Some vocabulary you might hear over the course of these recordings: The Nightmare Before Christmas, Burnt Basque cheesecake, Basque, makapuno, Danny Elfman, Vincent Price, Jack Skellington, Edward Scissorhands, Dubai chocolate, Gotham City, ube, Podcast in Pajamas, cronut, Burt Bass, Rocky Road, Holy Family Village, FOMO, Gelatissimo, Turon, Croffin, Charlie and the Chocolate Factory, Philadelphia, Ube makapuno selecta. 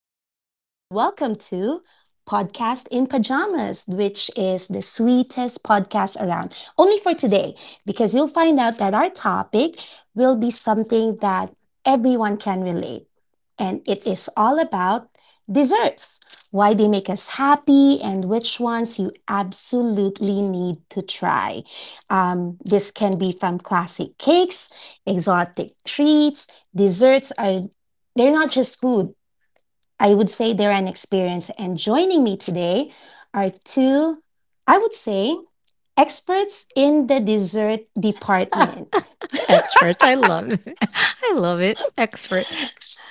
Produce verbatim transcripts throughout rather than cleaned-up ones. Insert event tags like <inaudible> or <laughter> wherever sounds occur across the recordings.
everyone, and welcome to Podcast in Pajamas, which is the sweetest podcast around, only for today, because you'll find out that our topic will be something that everyone can relate. And it is all about desserts, why they make us happy, and which ones you absolutely need to try. Um, this can be from classic cakes, exotic treats, desserts are they're not just food. I would say they're an experience. And joining me today are two, I would say, experts in the dessert department. <laughs> Expert. I love it. <laughs> I love it. Expert. <laughs>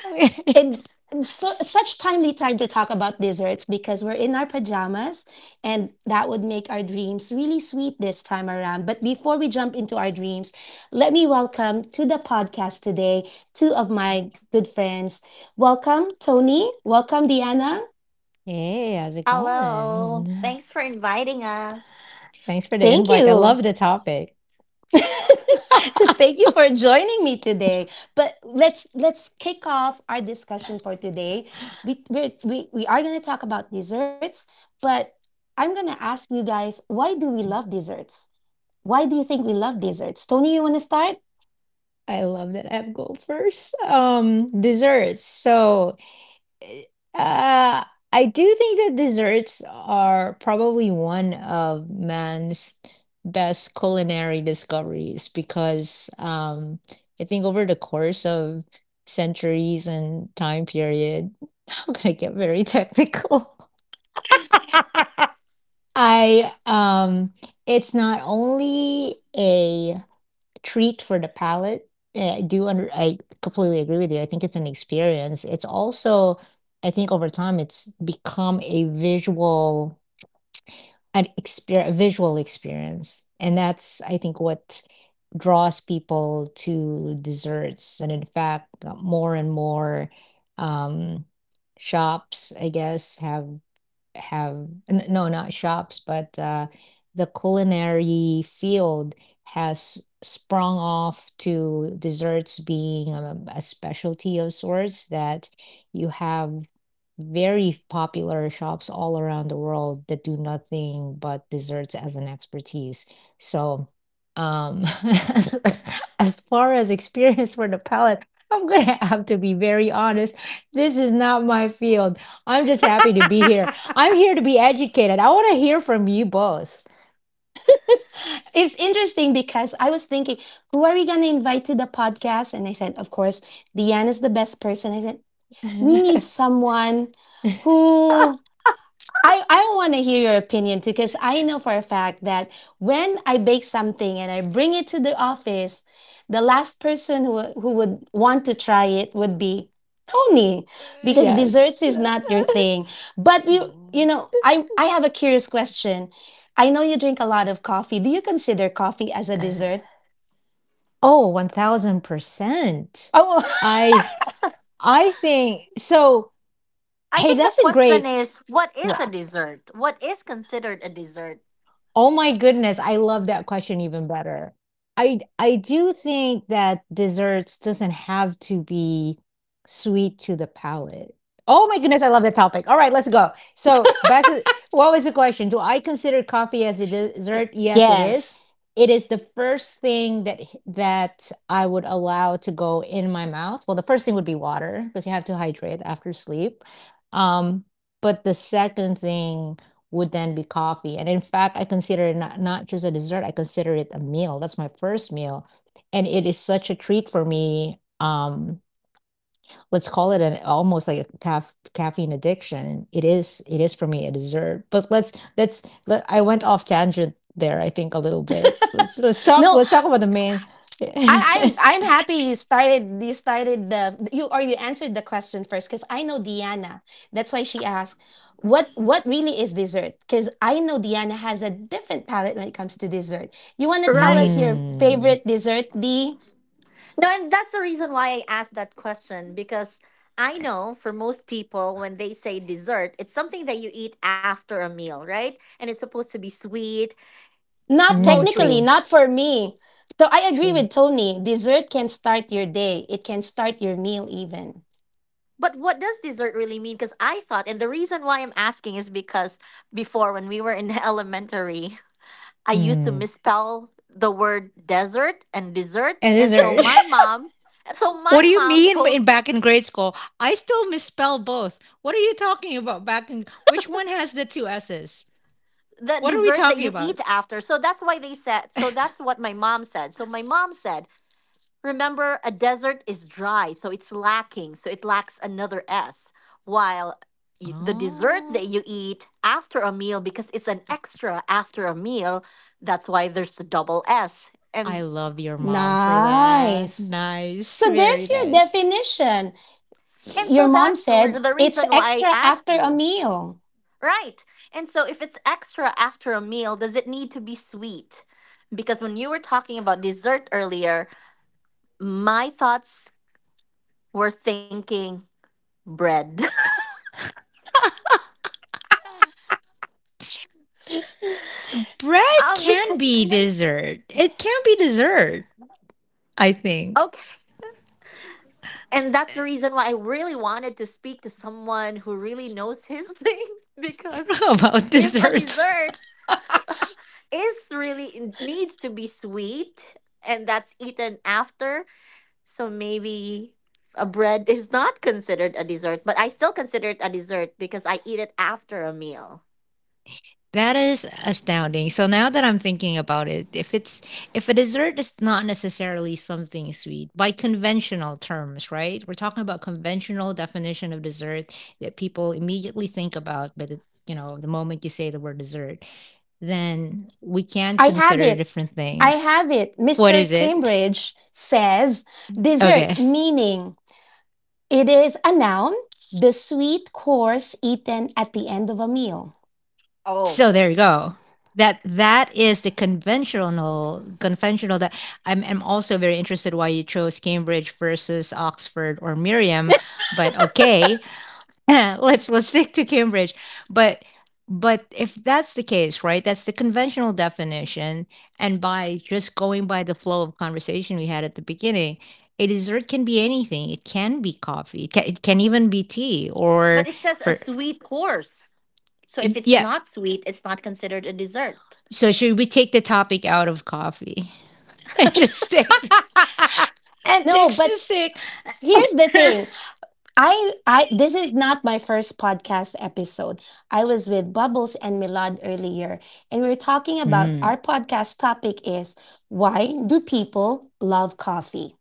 Okay. And so, Such timely time to talk about desserts because we're in our pajamas, and that would make our dreams really sweet this time around. But before we jump into our dreams, let me welcome to the podcast today two of my good friends. Welcome, Tony. Welcome, Diana. Hey, how's it going? Hello. Thanks for inviting us. Thanks for the Thank invite. I you. love the topic. <laughs> <laughs> I Thank you for joining me today. But let's let's kick off our discussion for today. We we're, we we are going to talk about desserts, but I'm going to ask you guys, why do we love desserts? Why do you think we love desserts? Tony, you want to start? love that I have go first. Um, desserts. So eh, Uh, I do think that desserts are probably one of man's best culinary discoveries because um, I think over the course of centuries and time period, <laughs> I'm gonna get very <laughs> technical. I um, It's not only a treat for the palate. Yeah, I do under I completely agree with you. I think it's an experience. It's also, I think over time it's become a visual an exper- a visual experience. And that's I think what draws people to desserts. And in fact, uh, more and more um shops, I guess, have have n- no not shops but uh the culinary field has sprung off to desserts being um, a specialty of sorts that you have very popular shops all around the world that do nothing but desserts as an expertise, so um <laughs> as, as far as experience for the palate, I'm gonna have to be very honest, this is not my field. I'm just happy to be here. I'm here to be educated. I want to hear from you both. It's interesting because I was thinking, who are we going to invite to the podcast? And I said, of course, Deanne is the best person. I said, <laughs> we need someone who I, I want to hear your opinion too, because I know for a fact that when I bake something and I bring it to the office, the last person who, who would want to try it would be Tony, because desserts Yes. is not your thing. But we, you Mm. know, I, I have a curious question. I know you drink a lot of coffee. Do you consider coffee as a dessert? Oh, one thousand percent. Oh, I I think so. I Hey, think the that's a question great — is, what is a dessert? What is considered a dessert? oh my goodness, I love that question even better. I I do think that desserts doesn't have to be sweet to the palate. Oh my goodness, I love that topic. All right, let's go. So back to — what was the question? Do I consider coffee as a dessert? <laughs> Yes, it is. yes. It is the first thing that h- that I would allow to go in my mouth. Well, the first thing would be water because you have to hydrate after sleep. Um, but the second thing would then be coffee. And in fact, I consider it not, not just a dessert, I consider it a meal. That's my first meal. And it is such a treat for me. Um, let's call it an almost like a caf caffeine addiction. It is, it is for me a dessert. But let's let's let, I went off tangent there, I think a little bit. Let's let's talk No, let's talk about the main. I, I'm <laughs> I'm happy you started you started the you or you answered the question first because I know Diana. That's why she asked what what really is dessert, because I know Diana has a different palate when it comes to dessert. You want to tell us Right. your Mm. favorite dessert, D? No, and that's the reason why I asked that question, because I know for most people, when they say dessert, it's something that you eat after a meal, right? And it's supposed to be sweet, Not Mm, technically, mostly. true, not for me. So I agree true. with Tony. Dessert can start your day. It can start your meal even. But what does dessert really mean? Because I thought, and the reason why I'm asking is because before, when we were in <laughs> elementary, I used to Mm. misspell the word desert and dessert. And And so dessert. my mom, so What do my you mom mean in told back in grade school? I still misspell both. What are you talking about? Back in — which one has the two S's? the What are we dessert that talking you eat about? after. So that's why they said, so that's <laughs> what my mom said. So my mom said, remember, a desert is dry, so it's lacking, so it lacks another S, while y- the dessert that Oh, you eat after a meal, because it's an extra after a meal, that's why there's a double S. I And love your mom for that. Nice. Nice, So very there's your nice. definition. and so Your <sighs> mom that's re- said the it's reason why I extra asked after a you. meal. Right. And so if it's extra after a meal, does it need to be sweet? Because when you were talking about dessert earlier, my thoughts were thinking bread. <laughs> Bread um, can Because be dessert. It can be dessert, I think. okay, and that's the reason why I really wanted to speak to someone who really knows his <laughs> thing, because <laughs> About if a desserts. dessert Yes. <laughs> is really needs to be sweet, and that's eaten after. So maybe a bread <laughs> is not considered a dessert, but I still consider it a dessert because I eat it after a meal. That is astounding. So now that I'm thinking about it, if it's if a dessert is not necessarily something sweet by conventional terms, right? We're talking about conventional definition of dessert that people immediately think about, but it, you know, the moment you say the word dessert, then we can I have consider it. different I things. have it. What mister is it? <laughs> Cambridge says dessert, Okay. meaning it is a noun, the sweet course eaten at the end of a meal. Oh, So there you go. That that is the conventional conventional that I'm I'm also very interested why you chose Cambridge versus Oxford or Miriam, but okay. <laughs> let's let's stick to Cambridge. But but if that's the case, right? That's the conventional definition, and by just going by the flow of conversation we had at the beginning, a dessert can be anything. It can be coffee. It can, it can even be tea or — but it says a for sweet course. So if it's yeah. not sweet, it's not considered a dessert. So should we take the topic out of coffee <laughs> and just stick No, antics but to stick? here's the thing. I I this is not my first podcast episode. I was with Bubbles and Milad earlier, and we were talking about Mm. our podcast topic is, why do people love coffee?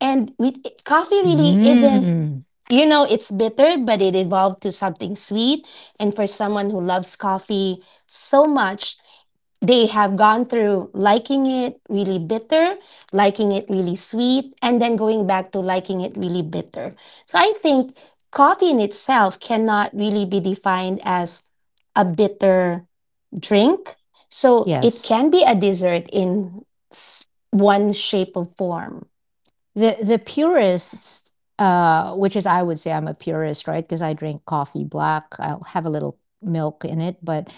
And we, coffee really isn't Mm. <laughs> You know, it's bitter, but it evolved to something sweet. And for someone who loves coffee so much, they have gone through liking it really bitter, liking it really sweet, and then going back to liking it really bitter. So I think coffee in itself cannot really be defined as a bitter drink. So it Yes. can be a dessert in s- one shape or form. The the purists, uh, which is — I would say I'm a purist, right? Because I drink coffee black. I'll have a little milk in it, but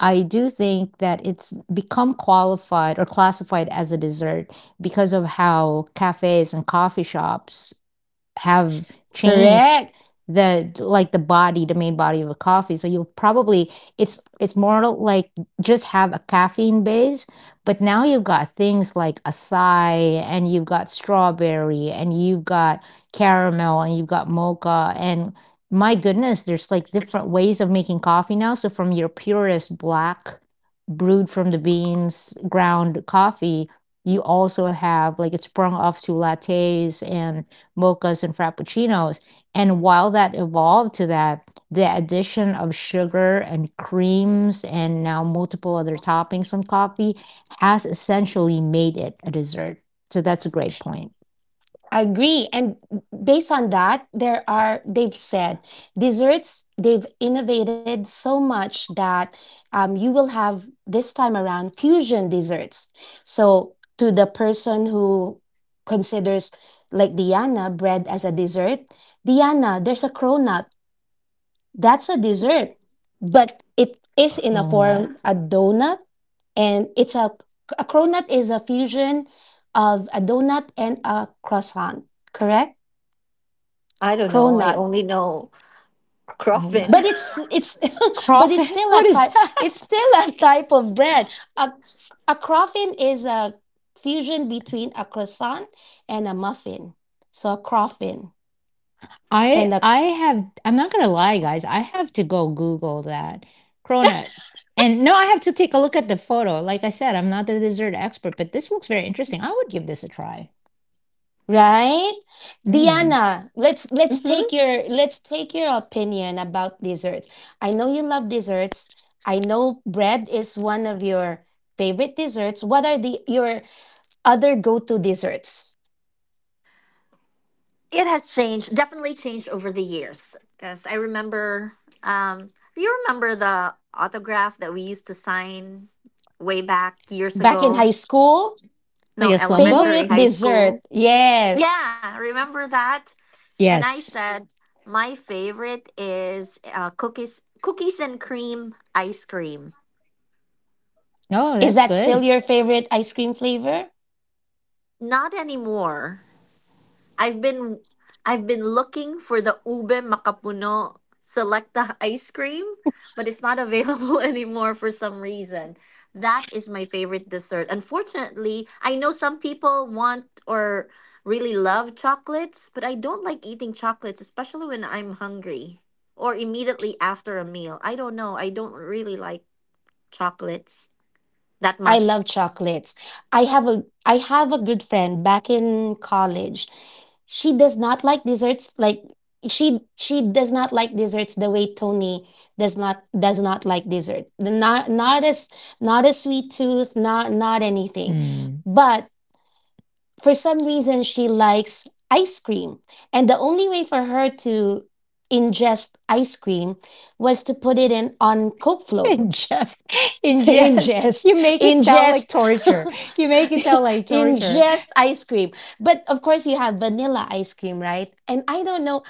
I do think that it's become qualified or classified as a dessert because of how cafes and coffee shops have changed Correct. the like the body, the main body of a coffee. So you'll probably — it's it's more like just have a caffeine base, but now you've got things like acai, and you've got strawberry, and you've got caramel, and you've got mocha, and my goodness, there's like different ways of making coffee now. So from your purest black brewed from the beans, ground coffee, you also have like — it's sprung off to lattes and mochas and frappuccinos. And while that evolved to that, the addition of sugar and creams and now multiple other toppings on coffee has essentially made it a dessert. So that's a great point. Agree. And based on that, there are, they've said, desserts, they've innovated so much that um, you will have this time around fusion desserts. So, to the person who considers, like Diana, bread as a dessert, Diana, there's a cronut. That's a dessert, but it is in a Cronut, form a donut, and it's a, a cronut is a fusion of a donut and a croissant, correct? I don't know. I Cronut, only know cronut, Croffin. but it's it's <laughs> but it's crawfish. <laughs> still a What is type, it's that? still a type of bread. A, a croffin is a fusion between a croissant and a muffin, so a croffin I and a I have — I'm not gonna lie, guys. I have to go Google that cronut. And no, I have to take a look at the photo. Like I said, I'm not the dessert expert, but this looks very interesting. I would give this a try. right. Mm. Diana, let's let's <laughs> Hmm. take your, let's take your opinion about desserts. I know you love desserts. I know bread is one of your favorite desserts. What are the your other go-to desserts? It has changed, definitely changed over the years. Because I remember, um, you remember the autograph that we used to sign way back years Back in ago? high school. Like No, a slum elementary, book? Favorite high dessert? school. Yes. Yeah, remember that? And I Yes. said my favorite is uh, cookies, cookies and cream ice cream. Oh, Is that's that still good. your favorite ice cream flavor? Not anymore. I've been I've been looking for the ube makapuno selecta ice cream, but it's not available <laughs> anymore for some reason. That is my favorite dessert. Unfortunately, I know some people want or really love chocolates, but I don't like eating chocolates, especially when I'm hungry or immediately after a meal. I don't know. I don't really like chocolates that I much. love chocolates. I have a, I have a good friend back in college. She does not like desserts, like she she does not like desserts the way Tony does not does not like dessert. The Not, not as, not a sweet tooth, not, not anything. Hmm. But for some reason she likes ice cream, and the only way for her to ingest ice cream was to put it in on coke <laughs> float. Ingest, <laughs> ingest. ingest You make it sound like ingest torture. <laughs> You make it sound like torture. ingest ice cream. But of course you have vanilla ice cream, right? And i don't know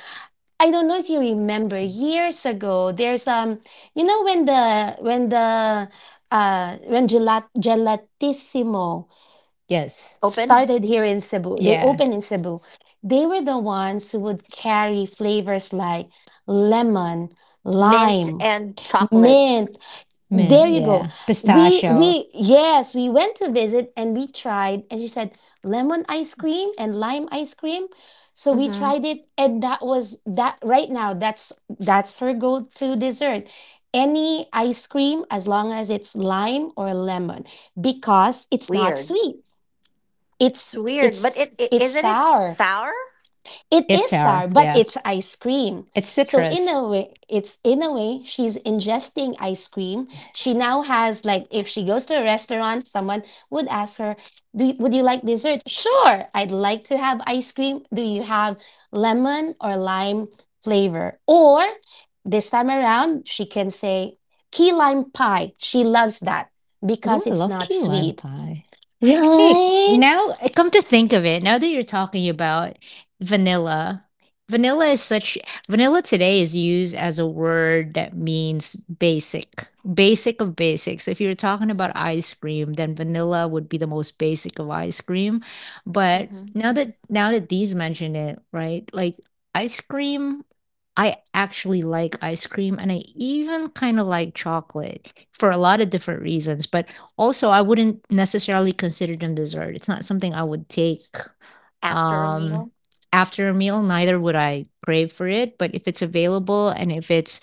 i don't know if you remember years ago, there's um you know, when the when the uh when gelat gelatissimo Yes. Open started here in Cebu. They Yeah. opened in Cebu. They were the ones who would carry flavors like lemon, mint lime, and chocolate. mint. Mint, There you go. yeah. We Pistachio. we yes, we went to visit and we tried, and she said lemon ice cream and lime ice cream. So we Mm-hmm. tried it, and that was that. Right now, that's that's her go-to dessert. Any ice cream as long as it's lime or lemon, because it's not Weird. sweet, It's it's weird, but it's it, it it's isn't it sour. sour? It It's is sour. sour, but Yeah. it's ice cream. It's So in citrus. a way, it's, in a way, she's ingesting ice cream. She now has, like, if she goes to a restaurant, someone would ask her, "Do you- would you like dessert?" Sure, I'd like to have ice cream. Do you have lemon or lime flavor? Or this time around, she can say key lime pie. She loves that Ooh, because I it's love not key lime sweet, pie. Hey, right? now I come to think of it, now that you're talking about vanilla, vanilla is such vanilla today is used as a word that means basic, basic of basics. If you're talking about ice cream, then vanilla would be the most basic of ice cream. But Hmm. now that now that these mention it, right? Like ice cream, I actually like ice cream and I even kind of like chocolate for a lot of different reasons, but also, I wouldn't necessarily consider them dessert. It's not something I would take After a um, meal. after a meal, neither would I crave for it. But if it's available and if it's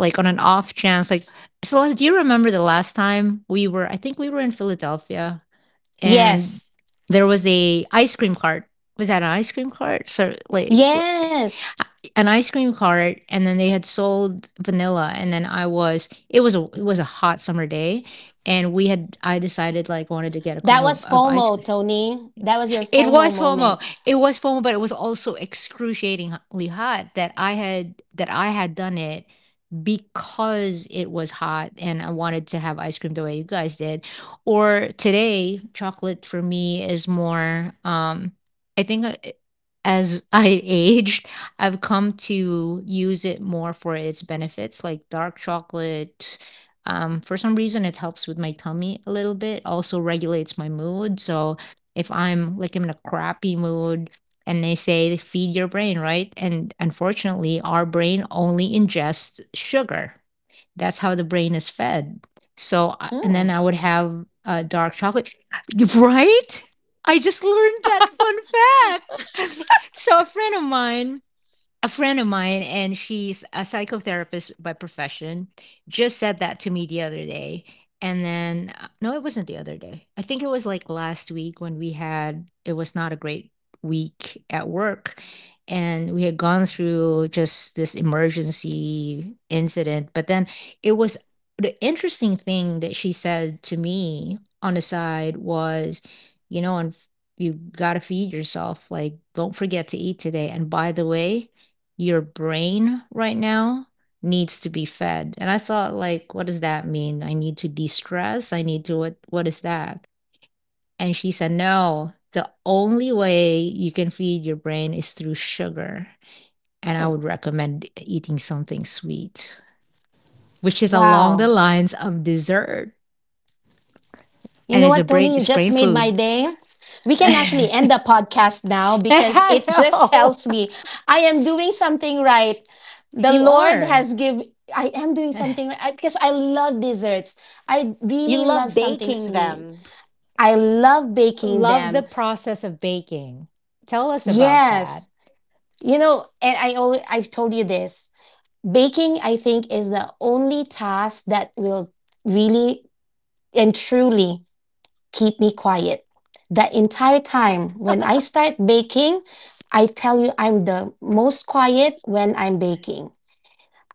like on an off chance, like, so do you remember the last time we were — I think we were in Philadelphia, and Yes. there was a ice cream cart. Was that an ice cream cart? So like Yes, an ice cream cart, and then they had sold vanilla, and then I was it was a it was a hot summer day, and we had I decided like wanted to get a that cone of, was of ice FOMO, cream. Tony. That was your It FOMO was moment. FOMO. It was FOMO, but it was also excruciatingly hot that I had that I had done it because it was hot and I wanted to have ice cream the way you guys did. Or today, chocolate for me is more, um, I think uh, as <laughs> I aged, I've come to use it more for its benefits, like dark chocolate. Um, for some reason, it helps with my tummy a little bit, also regulates my mood. So if I'm like in a crappy mood, and they say feed your brain, right? And unfortunately, our brain only ingests sugar. That's how the brain is fed. So, uh, and then Mm. I would have uh, dark chocolate, <laughs> right? I just learned that fun fact. <laughs> So, a friend of mine a friend of mine, and she's a psychotherapist by profession, just said that to me the other day. And then, uh, no, it wasn't the other day. I think it was like last week when we had, it was not a great week at work. And we had gone through just this emergency incident. But then it was — the interesting thing that she said to me on the side was, you know, and you got to feed yourself. Like, don't forget to eat today. And by the way, your brain right now needs to be fed. And I thought like, what does that mean? I need to de-stress? I need to — what what is that? And she said, "No, the only way you can feed your brain is through sugar, and I Mm. would recommend eating something sweet, which is along Wow. the lines of dessert, You know and it's what, a Tony? brain You it's just brain made my food." day. We can actually end <laughs> the podcast now, because it just No. tells me I am doing something right. The You Lord are. has given. I am doing something <sighs> right, I- because I love desserts. I You really love love something baking sweet. them. I love baking Love the them. process of baking. Tell us about that. Yes. You know, and I always, I've told you this. Baking, I think, is the only task that will really and truly keep me quiet the entire time. When I start baking, I tell you, I'm the most quiet when I'm baking.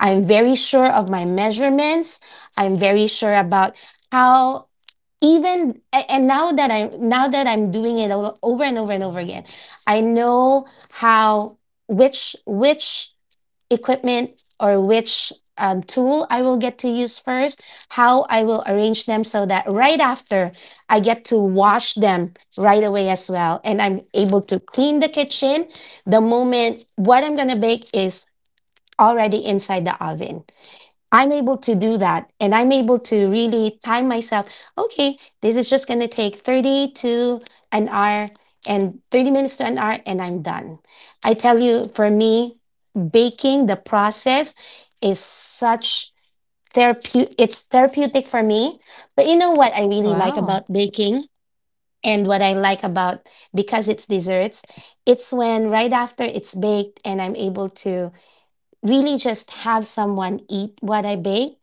I'm very sure of my measurements. I'm very sure about how, even a- and now that i'm now that I'm doing it all over and over and over again, I know how, which which equipment or which um, tool I will get to use first, how I will arrange them so that right after I get to wash them right away as well. And I'm able to clean the kitchen the moment what I'm going to bake is already inside the oven. I'm able to do that, and I'm able to really time myself. Okay, this is just going to take 30 to an hour and thirty minutes to an hour, and I'm done. I tell you, for me, baking, the process, is such therapeutic, it's therapeutic for me. But you know what I really like about Wow. baking, and what I like about, because it's desserts, it's when right after it's baked and I'm able to really just have someone eat what I bake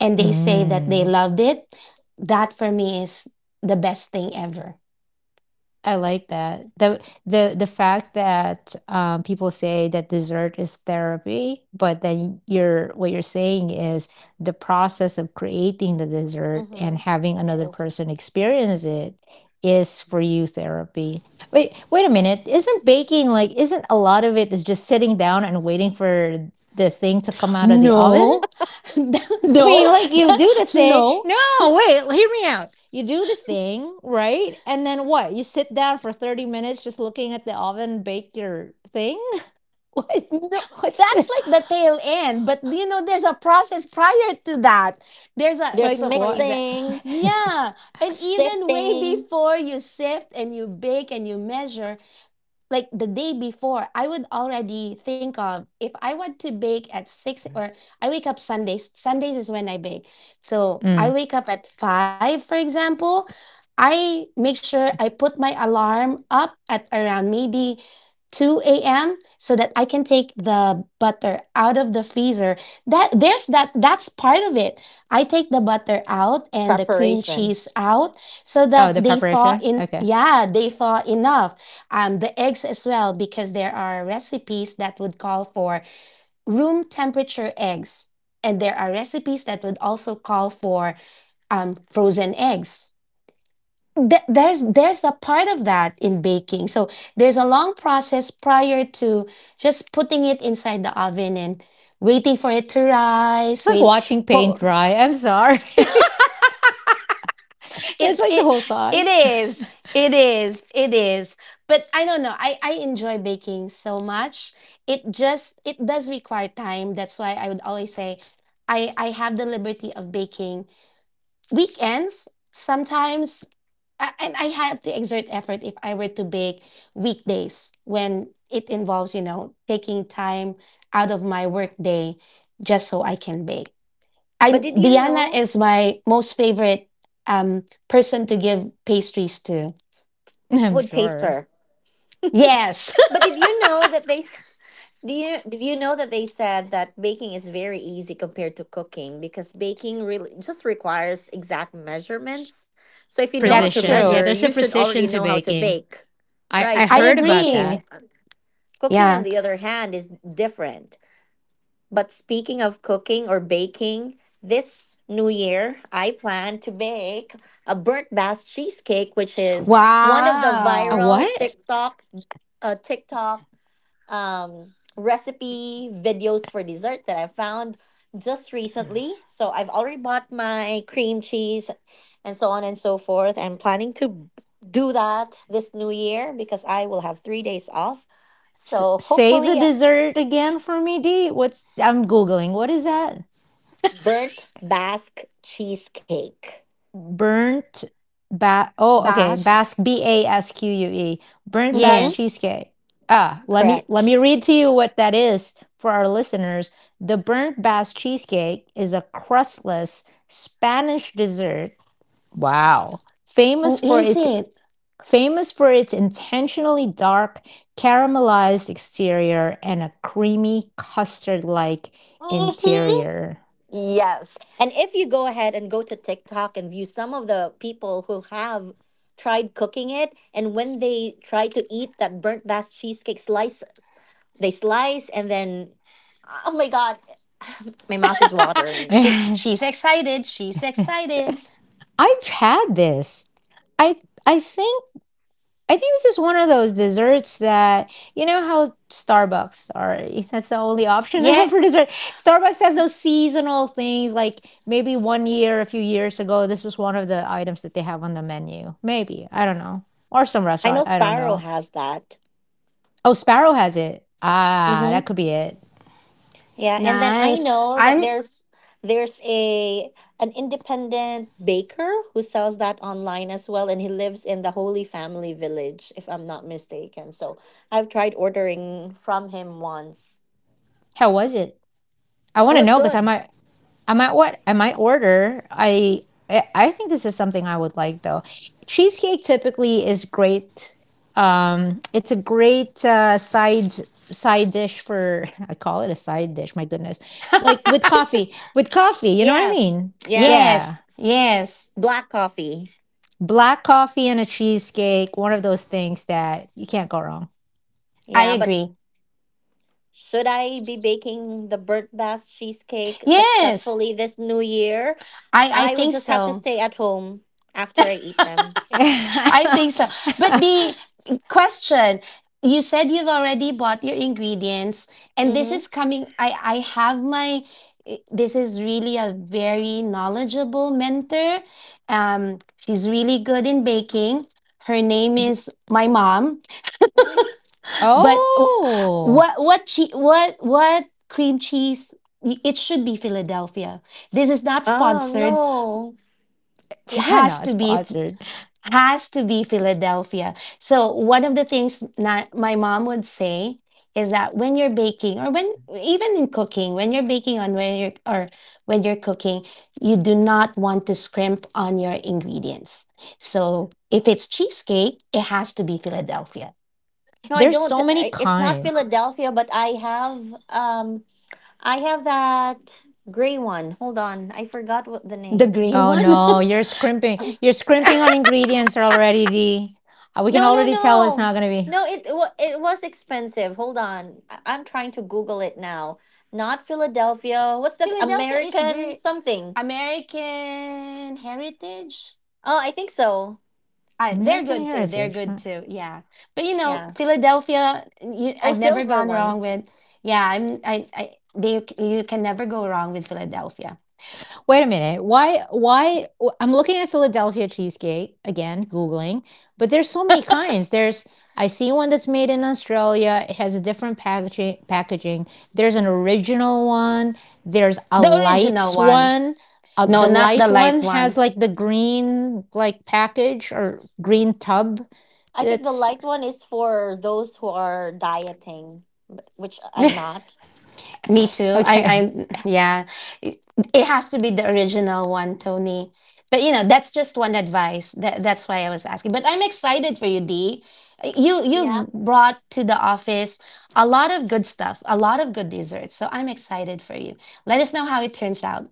and they say that they Mm. loved it, that for me is the best thing ever. I like that. The the the fact that um, people say that dessert is therapy, but then you're what you're saying is the process of creating the dessert and Hmm. having another person experience it is for you therapy. Wait, wait a minute. Isn't baking like — isn't a lot of it is just sitting down and waiting for the thing to come out of the oven? No, <laughs> I mean, no, like you do the thing. no, No, wait, hear me out. You do the thing, right? And then what? You sit down for thirty minutes just looking at the oven bake your thing? <laughs> What? no. What's That's the, like the tail end, but you know, there's a process prior to that. There's a, There's so like for what? example, mixing, yeah, and even way sifting. before you sift and you bake and you measure, like the day before, I would already think of, if I want to bake at six, or I wake up Sundays, Sundays is when I bake, so I Mm. wake up at five, for example. I make sure I put my alarm up at around maybe two a m so that I can take the butter out of the freezer. That there's that, that's part of it. I take the butter out and the cream Preparation. cheese out so that Oh, the they thaw preparation? in, Okay. yeah, they thaw enough. Um, the eggs as well, because there are recipes that would call for room temperature eggs, and there are recipes that would also call for um, frozen eggs. Th- there's there's a part of that in baking, so there's a long process prior to just putting it inside the oven and waiting for it to rise. It's like Wait watching paint po- dry. I'm sorry. <laughs> That's it like the it whole thought. it is, it is, it is, but I don't know, i i enjoy baking so much. It just, it does require time. That's why I would always say i I have the liberty of baking weekends sometimes, a- and I have to exert effort if I were to bake weekdays, when it involves, you know, taking time out of my work day just so I can bake. But I, did you Diana know, is my most favorite um person to give pastries to. I'm food sure. taster? Yes, But did you know that they <laughs> do you did you know that they said that baking is very easy compared to cooking, because baking really just requires exact measurements. So if you <laughs> know how to that's Precision. Yeah, measure, true. there's you a should already precision to know how to baking. bake. I, Right, I but I heard about cooking agree. that. i- cooking, on Yeah. the other hand, is different. But speaking of cooking or baking, this new year I plan to bake a Burt Bass cheesecake, which is one of the A Wow. viral what? TikTok uh, TikTok um, recipe videos for dessert that I found just recently. So I've already bought my cream cheese and so on and so forth. I'm planning to do that this new year because I will have three days off. S- So say the hopefully dessert again for me, D. What's — I'm Googling. What is that? burnt Basque cheesecake. Burnt ba — oh, okay, Basque. Basque, B A S Q U E, Burnt Basque Mm-hmm. Yes. cheesecake. Ah, let me let Correct. me read to you what that is for our listeners. The burnt Basque cheesecake is a crustless Spanish dessert. Wow. Oh, Famous for is its it? famous for its intentionally dark caramelized exterior and a creamy custard-like Mm-hmm. interior. Yes. And if you go ahead and go to TikTok and view some of the people who have tried cooking it, and when they try to eat that burnt Basque cheesecake slice, they slice and then, oh my God, my mouth is <laughs> watering. She <laughs> she's excited. She's <laughs> excited. I've had this. I I think I think this is one of those desserts that you know how Starbucks are, <laughs> if that's the only option. <laughs> I Yeah. have for dessert. Starbucks has those seasonal things like maybe one year, a few years ago, this was one of the items that they have on the menu. Maybe. I don't know. Or some I restaurant, know I don't Sparrow know. has that. Oh, Sparrow has it. Ah, that Mm-hmm. could be it. Yeah, and then I Nice. know that I'm there's there's a an independent baker who sells that online as well, and he lives in the Holy Family Village, if I'm not mistaken. So I've tried ordering from him once. How was it? I It want to was know because I good. might I might what I might order. I I I think this is something I would like, though. Cheesecake typically is great, um, it's a great, uh, side side dish for, <laughs> I call it a side dish, my goodness. Like, with coffee with coffee, you know what I Yes, mean? yes, Yeah. Yes. Yes. black coffee. Black coffee and a cheesecake, one of those things that you can't go wrong. I Yeah, but agree. should I be baking the burnt bass cheesecake Yes. successfully this new year? I I I would think just have to so. stay at home after I eat them. I think so. But <laughs> the question, you said you've already bought your ingredients, and this Mm-hmm. is coming. I I have my. This is really a very knowledgeable mentor. Um, she's really good in baking. Her name Yeah. is my mom. <laughs> But w- Oh, what what che- what what cream cheese? It should be Philadelphia. This is not Oh sponsored. no. <laughs> It yeah, has not to be sponsored. has to be Philadelphia. So one of the things not my mom would say is that when you're baking or when even in cooking, when you're baking on when you're or when you're cooking, you do not want to scrimp on your ingredients. So if it's cheesecake, it has to be Philadelphia. No, I There's don't. so many I- It's not kinds. Philadelphia, but I have um I have that gray one. Hold on, I forgot what the The name. gray Oh one. no, you're scrimping. <laughs> You're scrimping on ingredients already, D. Uh, We can No, no, already tell it's no, not gonna be no. It it wa- it was expensive. Hold on, I- I'm trying to Google it now. Not Philadelphia. What's <laughs> that? Philadelphia is American great. something. American heritage. Oh, I think so. I, they're American good too. They're heritage. good too. Yeah. But you know, Yeah. Philadelphia, you, Oh, I've never silver gone one. wrong with. Yeah, I'm I I they you can never go wrong with Philadelphia. Wait a minute. Why? Why? i I'm looking at Philadelphia cheesecake again, Googling, but there's so many kinds. There's, I see one that's made in Australia. It has a different packaging. Packaging. There's an original one. There's a The original light one. one. Uh, No, the not the light light one one. has like the green like package or green tub. I think the That's light one is for those who are dieting, but- which I'm <laughs> not. Me too. I, okay. I, yeah, it it has to be the original one, Tony. But you know, that's just one advice. That that's why I was asking. But I'm excited for you, D. You Yeah. you've brought to the office a lot of good stuff, a lot of good desserts. So I'm excited for you. Let us know how it turns out.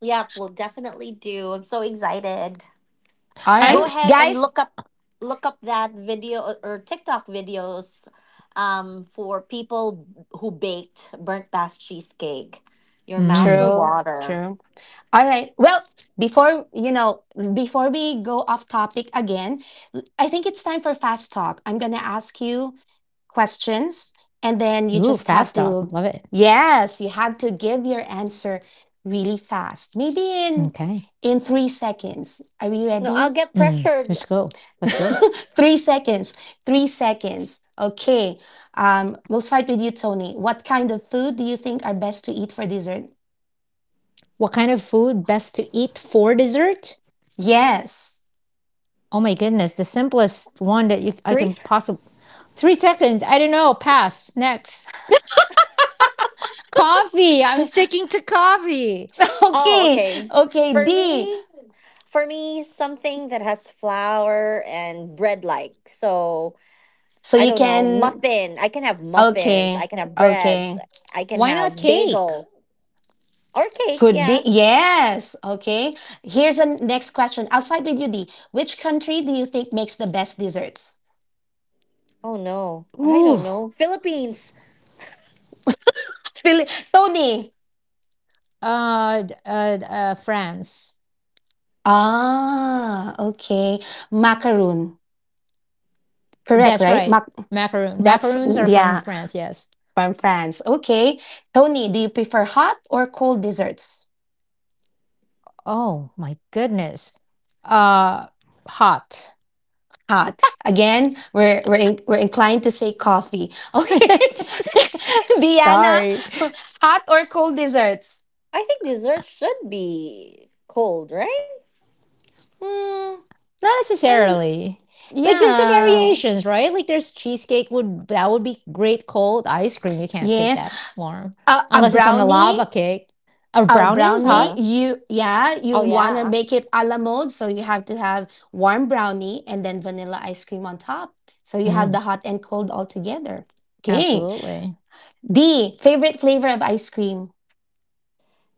Yeah, we'll definitely do. I'm so excited. All Go right, I'm. ahead and guys. look up look up that video or or TikTok videos um, for people who baked burnt past cheesecake. Your mouth will Mm. True, water. true. All right. Well, before you know, before we go off topic again, I think it's time for fast talk. I'm gonna ask you questions, and then you Ooh, just have fast talk. to, Love it. yes, you have to give your answer really fast, maybe in Okay. in three seconds. Are we No, I'll ready? get Mm. pressured. Let's go. Let's go. <laughs> Three seconds. Three seconds. Okay. Um we'll start with you, Tony. What kind of food do you think are best to eat for dessert? What kind of food best to eat for dessert? Yes. Oh my goodness, the simplest one that you, I Three. can s- possibly. Three seconds. I don't know. Pass. Next. <laughs> Coffee. I'm sticking to coffee. <laughs> Oh, Okay. okay. Okay, D. For me, for me, something that has flour and bread like. So So I you don't know, can. muffin. I can have muffins. Okay. I can have breads. Okay. I can Why not have cake? bagel or cake. Could Yeah. be, yes. Okay. Here's a next question. I'll side with you, D. Which country do you think makes the best desserts? Oh no, I Ooh. don't know. Philippines. <laughs> Really? Tony. Uh, uh, uh, France. Ah, okay. Macaroon. Correct, That's right? right. Mac, Macaroon. that's, Macaroons are from yeah, France. Yes. from France. Okay. Tony, do you prefer hot or cold desserts? Oh my goodness. Uh, hot. Hot. Again, we're, we're, in, we're inclined to say coffee. Okay. <laughs> <laughs> Diana, Sorry. <laughs> hot or cold desserts? I think dessert should be cold, right? Hmm, Not I'm, necessarily. Like there's the yeah. Oh, variations, right? Like there's cheesecake would that would be great cold. Ice cream, you can't take Yes, that warm. a, a Unless it's on a lava brownie, cake. A a brownie is brownie. hot. uh, You Yeah, you oh wanna yeah. make it a la mode, so you have to have warm brownie and then vanilla ice cream on top. So you have the Mm, hot and cold all together. Okay. absolutely. D, favorite flavor of ice cream.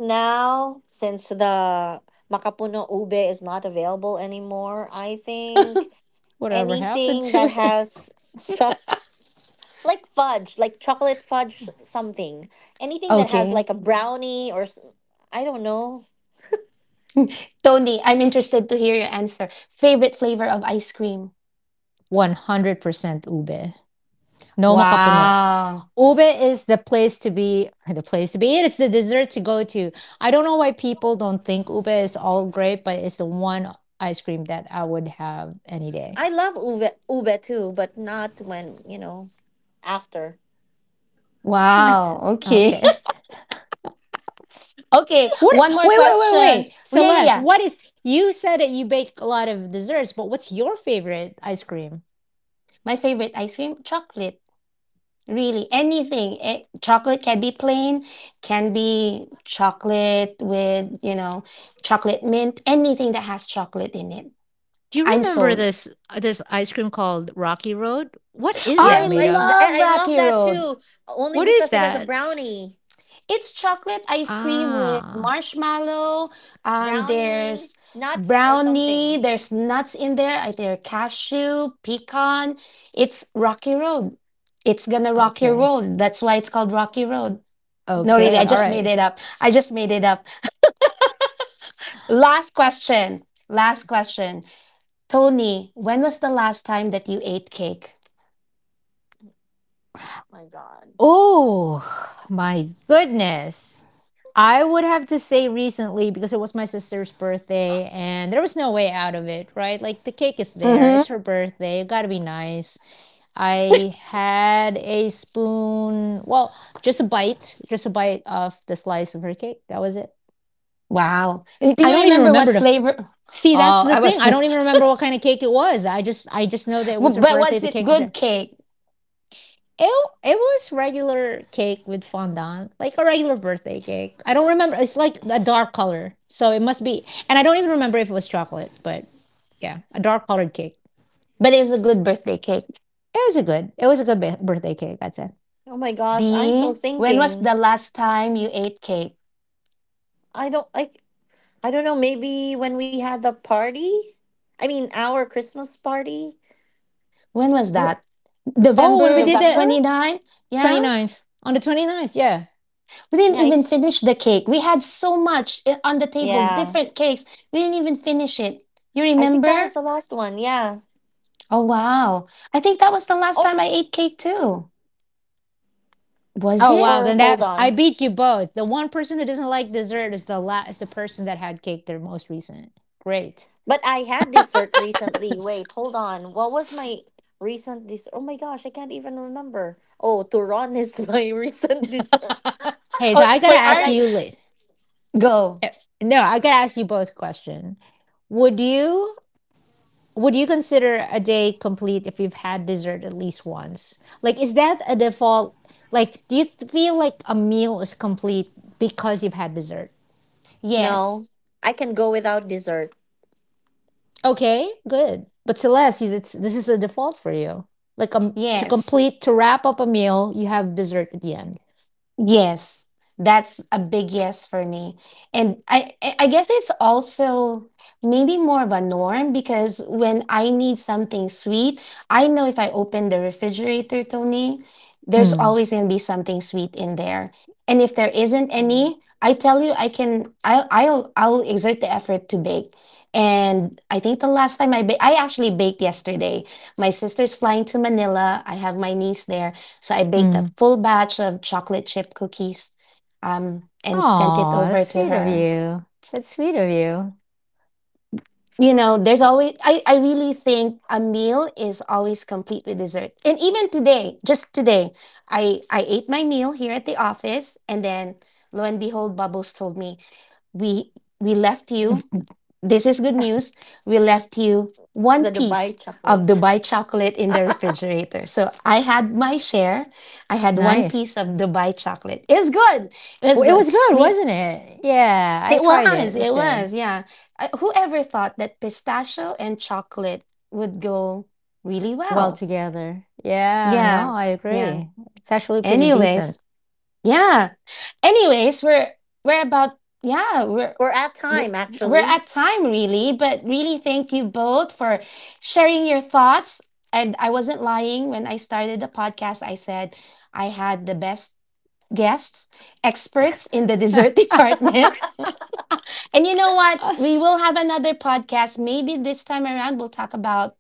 Now, since the makapuno ube is not available anymore, I think Whatever happened anything to that it? has choc like fudge, like chocolate fudge something, anything that has Okay. like a brownie or s- I don't know. Tony, I'm interested to hear your answer. Favorite flavor of ice cream. <laughs> one hundred percent ube. No makapuno. Wow. Ube is the place to be, the place to be. It's the dessert to go to. I don't know why people don't think ube is all great, but it's the one ice cream that I would have any day. I love ube ube too, but not when, you know, after. Not Wow. Okay. okay. <laughs> Okay. What? One more Wait, wait, wait, question. wait. Oh. Yeah, yeah, Celeste, yeah. what is, you said that you bake a lot of desserts, but what's your favorite ice cream? My favorite ice cream, chocolate. Really, anything. Eh, chocolate can be plain, can be chocolate with, you know, chocolate mint, anything that has chocolate in it. Do you I'm remember sold. this this ice cream called Rocky Road? What is that I Yes, made I of? love I I love Rocky that Road. too, only What is because it has a that? brownie. It's chocolate ice cream with Ah, marshmallow. Um, brownie There's nuts or brownie, something. there's nuts in there. I There are cashew, pecan. It's Rocky Road. It's gonna rock your okay. world. That's why it's called Rocky Road. No, really, Okay. I All just made right. it up. I just made it up. Last question. Last question. Tony, when was the last time that you ate cake? My God. Oh, my goodness. I would have to say recently because it was my sister's birthday and there was no way out of it, right? Like the cake is there, it's Mm-hmm. her birthday, it gotta be nice. I had a spoon, well, just a bite, just a bite of the slice of her cake. That was it. Wow. And do I you don't even remember remember what the f- flavor? See, that's Oh, the I thing. was, <laughs> I but don't even remember what kind of cake it was. I just I just know that it was her birthday, was the it cake was there. good cake? It it was regular cake with fondant, like a regular birthday cake. I don't remember. It's like a dark color, so it must be. And I don't even remember if it was chocolate, but yeah, a dark colored cake. But it was a good birthday cake. It was a good. It was a good ba- birthday cake. I'd say. Oh my gosh, I'm still D, when was the thinking. last time you ate cake? I don't I I don't know, maybe when we had the party? I mean our Christmas party. When was Oh, that? oh, when we November did the November? 29? Yeah? 29th on the 29th, yeah. We didn't Yeah, I, even finish the cake. We had so much I- on the table, yeah. different cakes. We didn't even finish it. You I think that remember? was the last one, yeah. Oh, wow. I think that was the last Oh, time I ate cake too. Was Oh it? wow, then or hold that I on. beat you both. The one person who doesn't like dessert is the last is the person that had cake their most recent. Great. But I had dessert recently. Wait, hold on. What was my recent dessert? Oh my gosh, I can't even remember. Oh, Turon is <laughs> my recent dessert Hey, so Oh, I gotta for that ask our you I late. go. No, I gotta ask you both question. Would you would you consider a day complete if you've had dessert at least once? Like, is that a default? Like, do you th- feel like a meal is complete because you've had dessert? No, Yes. I can go without dessert. Okay, good. But Celeste, you that's this is a default for you. Like, um to Yes. complete to wrap up a meal, you have dessert at the end. Yes, that's a big yes for me. And I I I guess it's also maybe more of a norm because when I need something sweet, I know if I open the refrigerator, Tony, there's Mm. always going to be something sweet in there. And if there isn't Mm, any, I tell you I can I'll I'll I'll exert the effort to bake. And I think the last time I ba- I actually baked yesterday. My sister's flying to Manila. I have my niece there, so I baked a Mm. full batch of chocolate chip cookies, um, and sent it Oh, over that's to sweet of her. you. That's sweet of you. You know, there's always, I, I really think a meal is always complete with dessert. And even today, just today, I, I ate my meal here at the office. And then lo and behold, Bubbles told me, we, we left you. This is good news. We left you the one piece Dubai of chocolate. Dubai chocolate in the refrigerator. So I had my share. I had one Nice. piece of Dubai chocolate. It's good. It's Well, it was good. good, Me, wasn't it? Yeah, I it tried it. was. It was It good. was. Yeah. I, whoever thought that pistachio and chocolate would go really Well well? together. Yeah, Yeah. no, I Yeah. agree. It's actually pretty decent. Anyways. Yeah. Anyways, we're we're about yeah. We're <laughs> We're at we're time, we're actually. at time really, but really thank you both for sharing your thoughts. And I wasn't lying when I started the podcast. I said I had the best guests, experts in the dessert <laughs> department. And you know what, we <laughs> will have another podcast. Maybe this time around we'll talk about,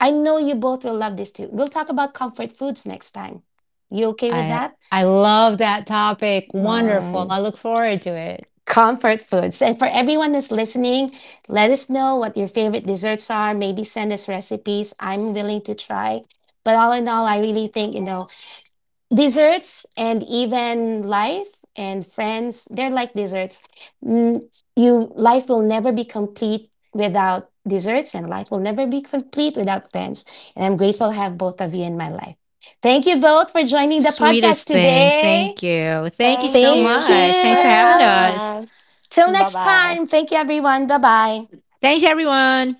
I know you both will love this too, we'll talk about comfort foods next time. You okay with I that? I love that topic. Wonderful. Mm. I look forward to it. Comfort foods. And for everyone that's listening, let us know what your favorite desserts are. Maybe send us recipes. I'm willing to try. But all in all, I really think, you know, desserts and even life and friends, they're like desserts. N- You life will never be complete without desserts, and life will never be complete without friends. And I'm grateful to have both of you in my life. Thank you both for joining the podcast Sweetest thing. today. Thank you. Thank you Thank so you. Thank much. Thanks Thanks for for having having you. us. us. Till Bye next bye. time. Thank you, everyone. Bye bye. Thanks, everyone.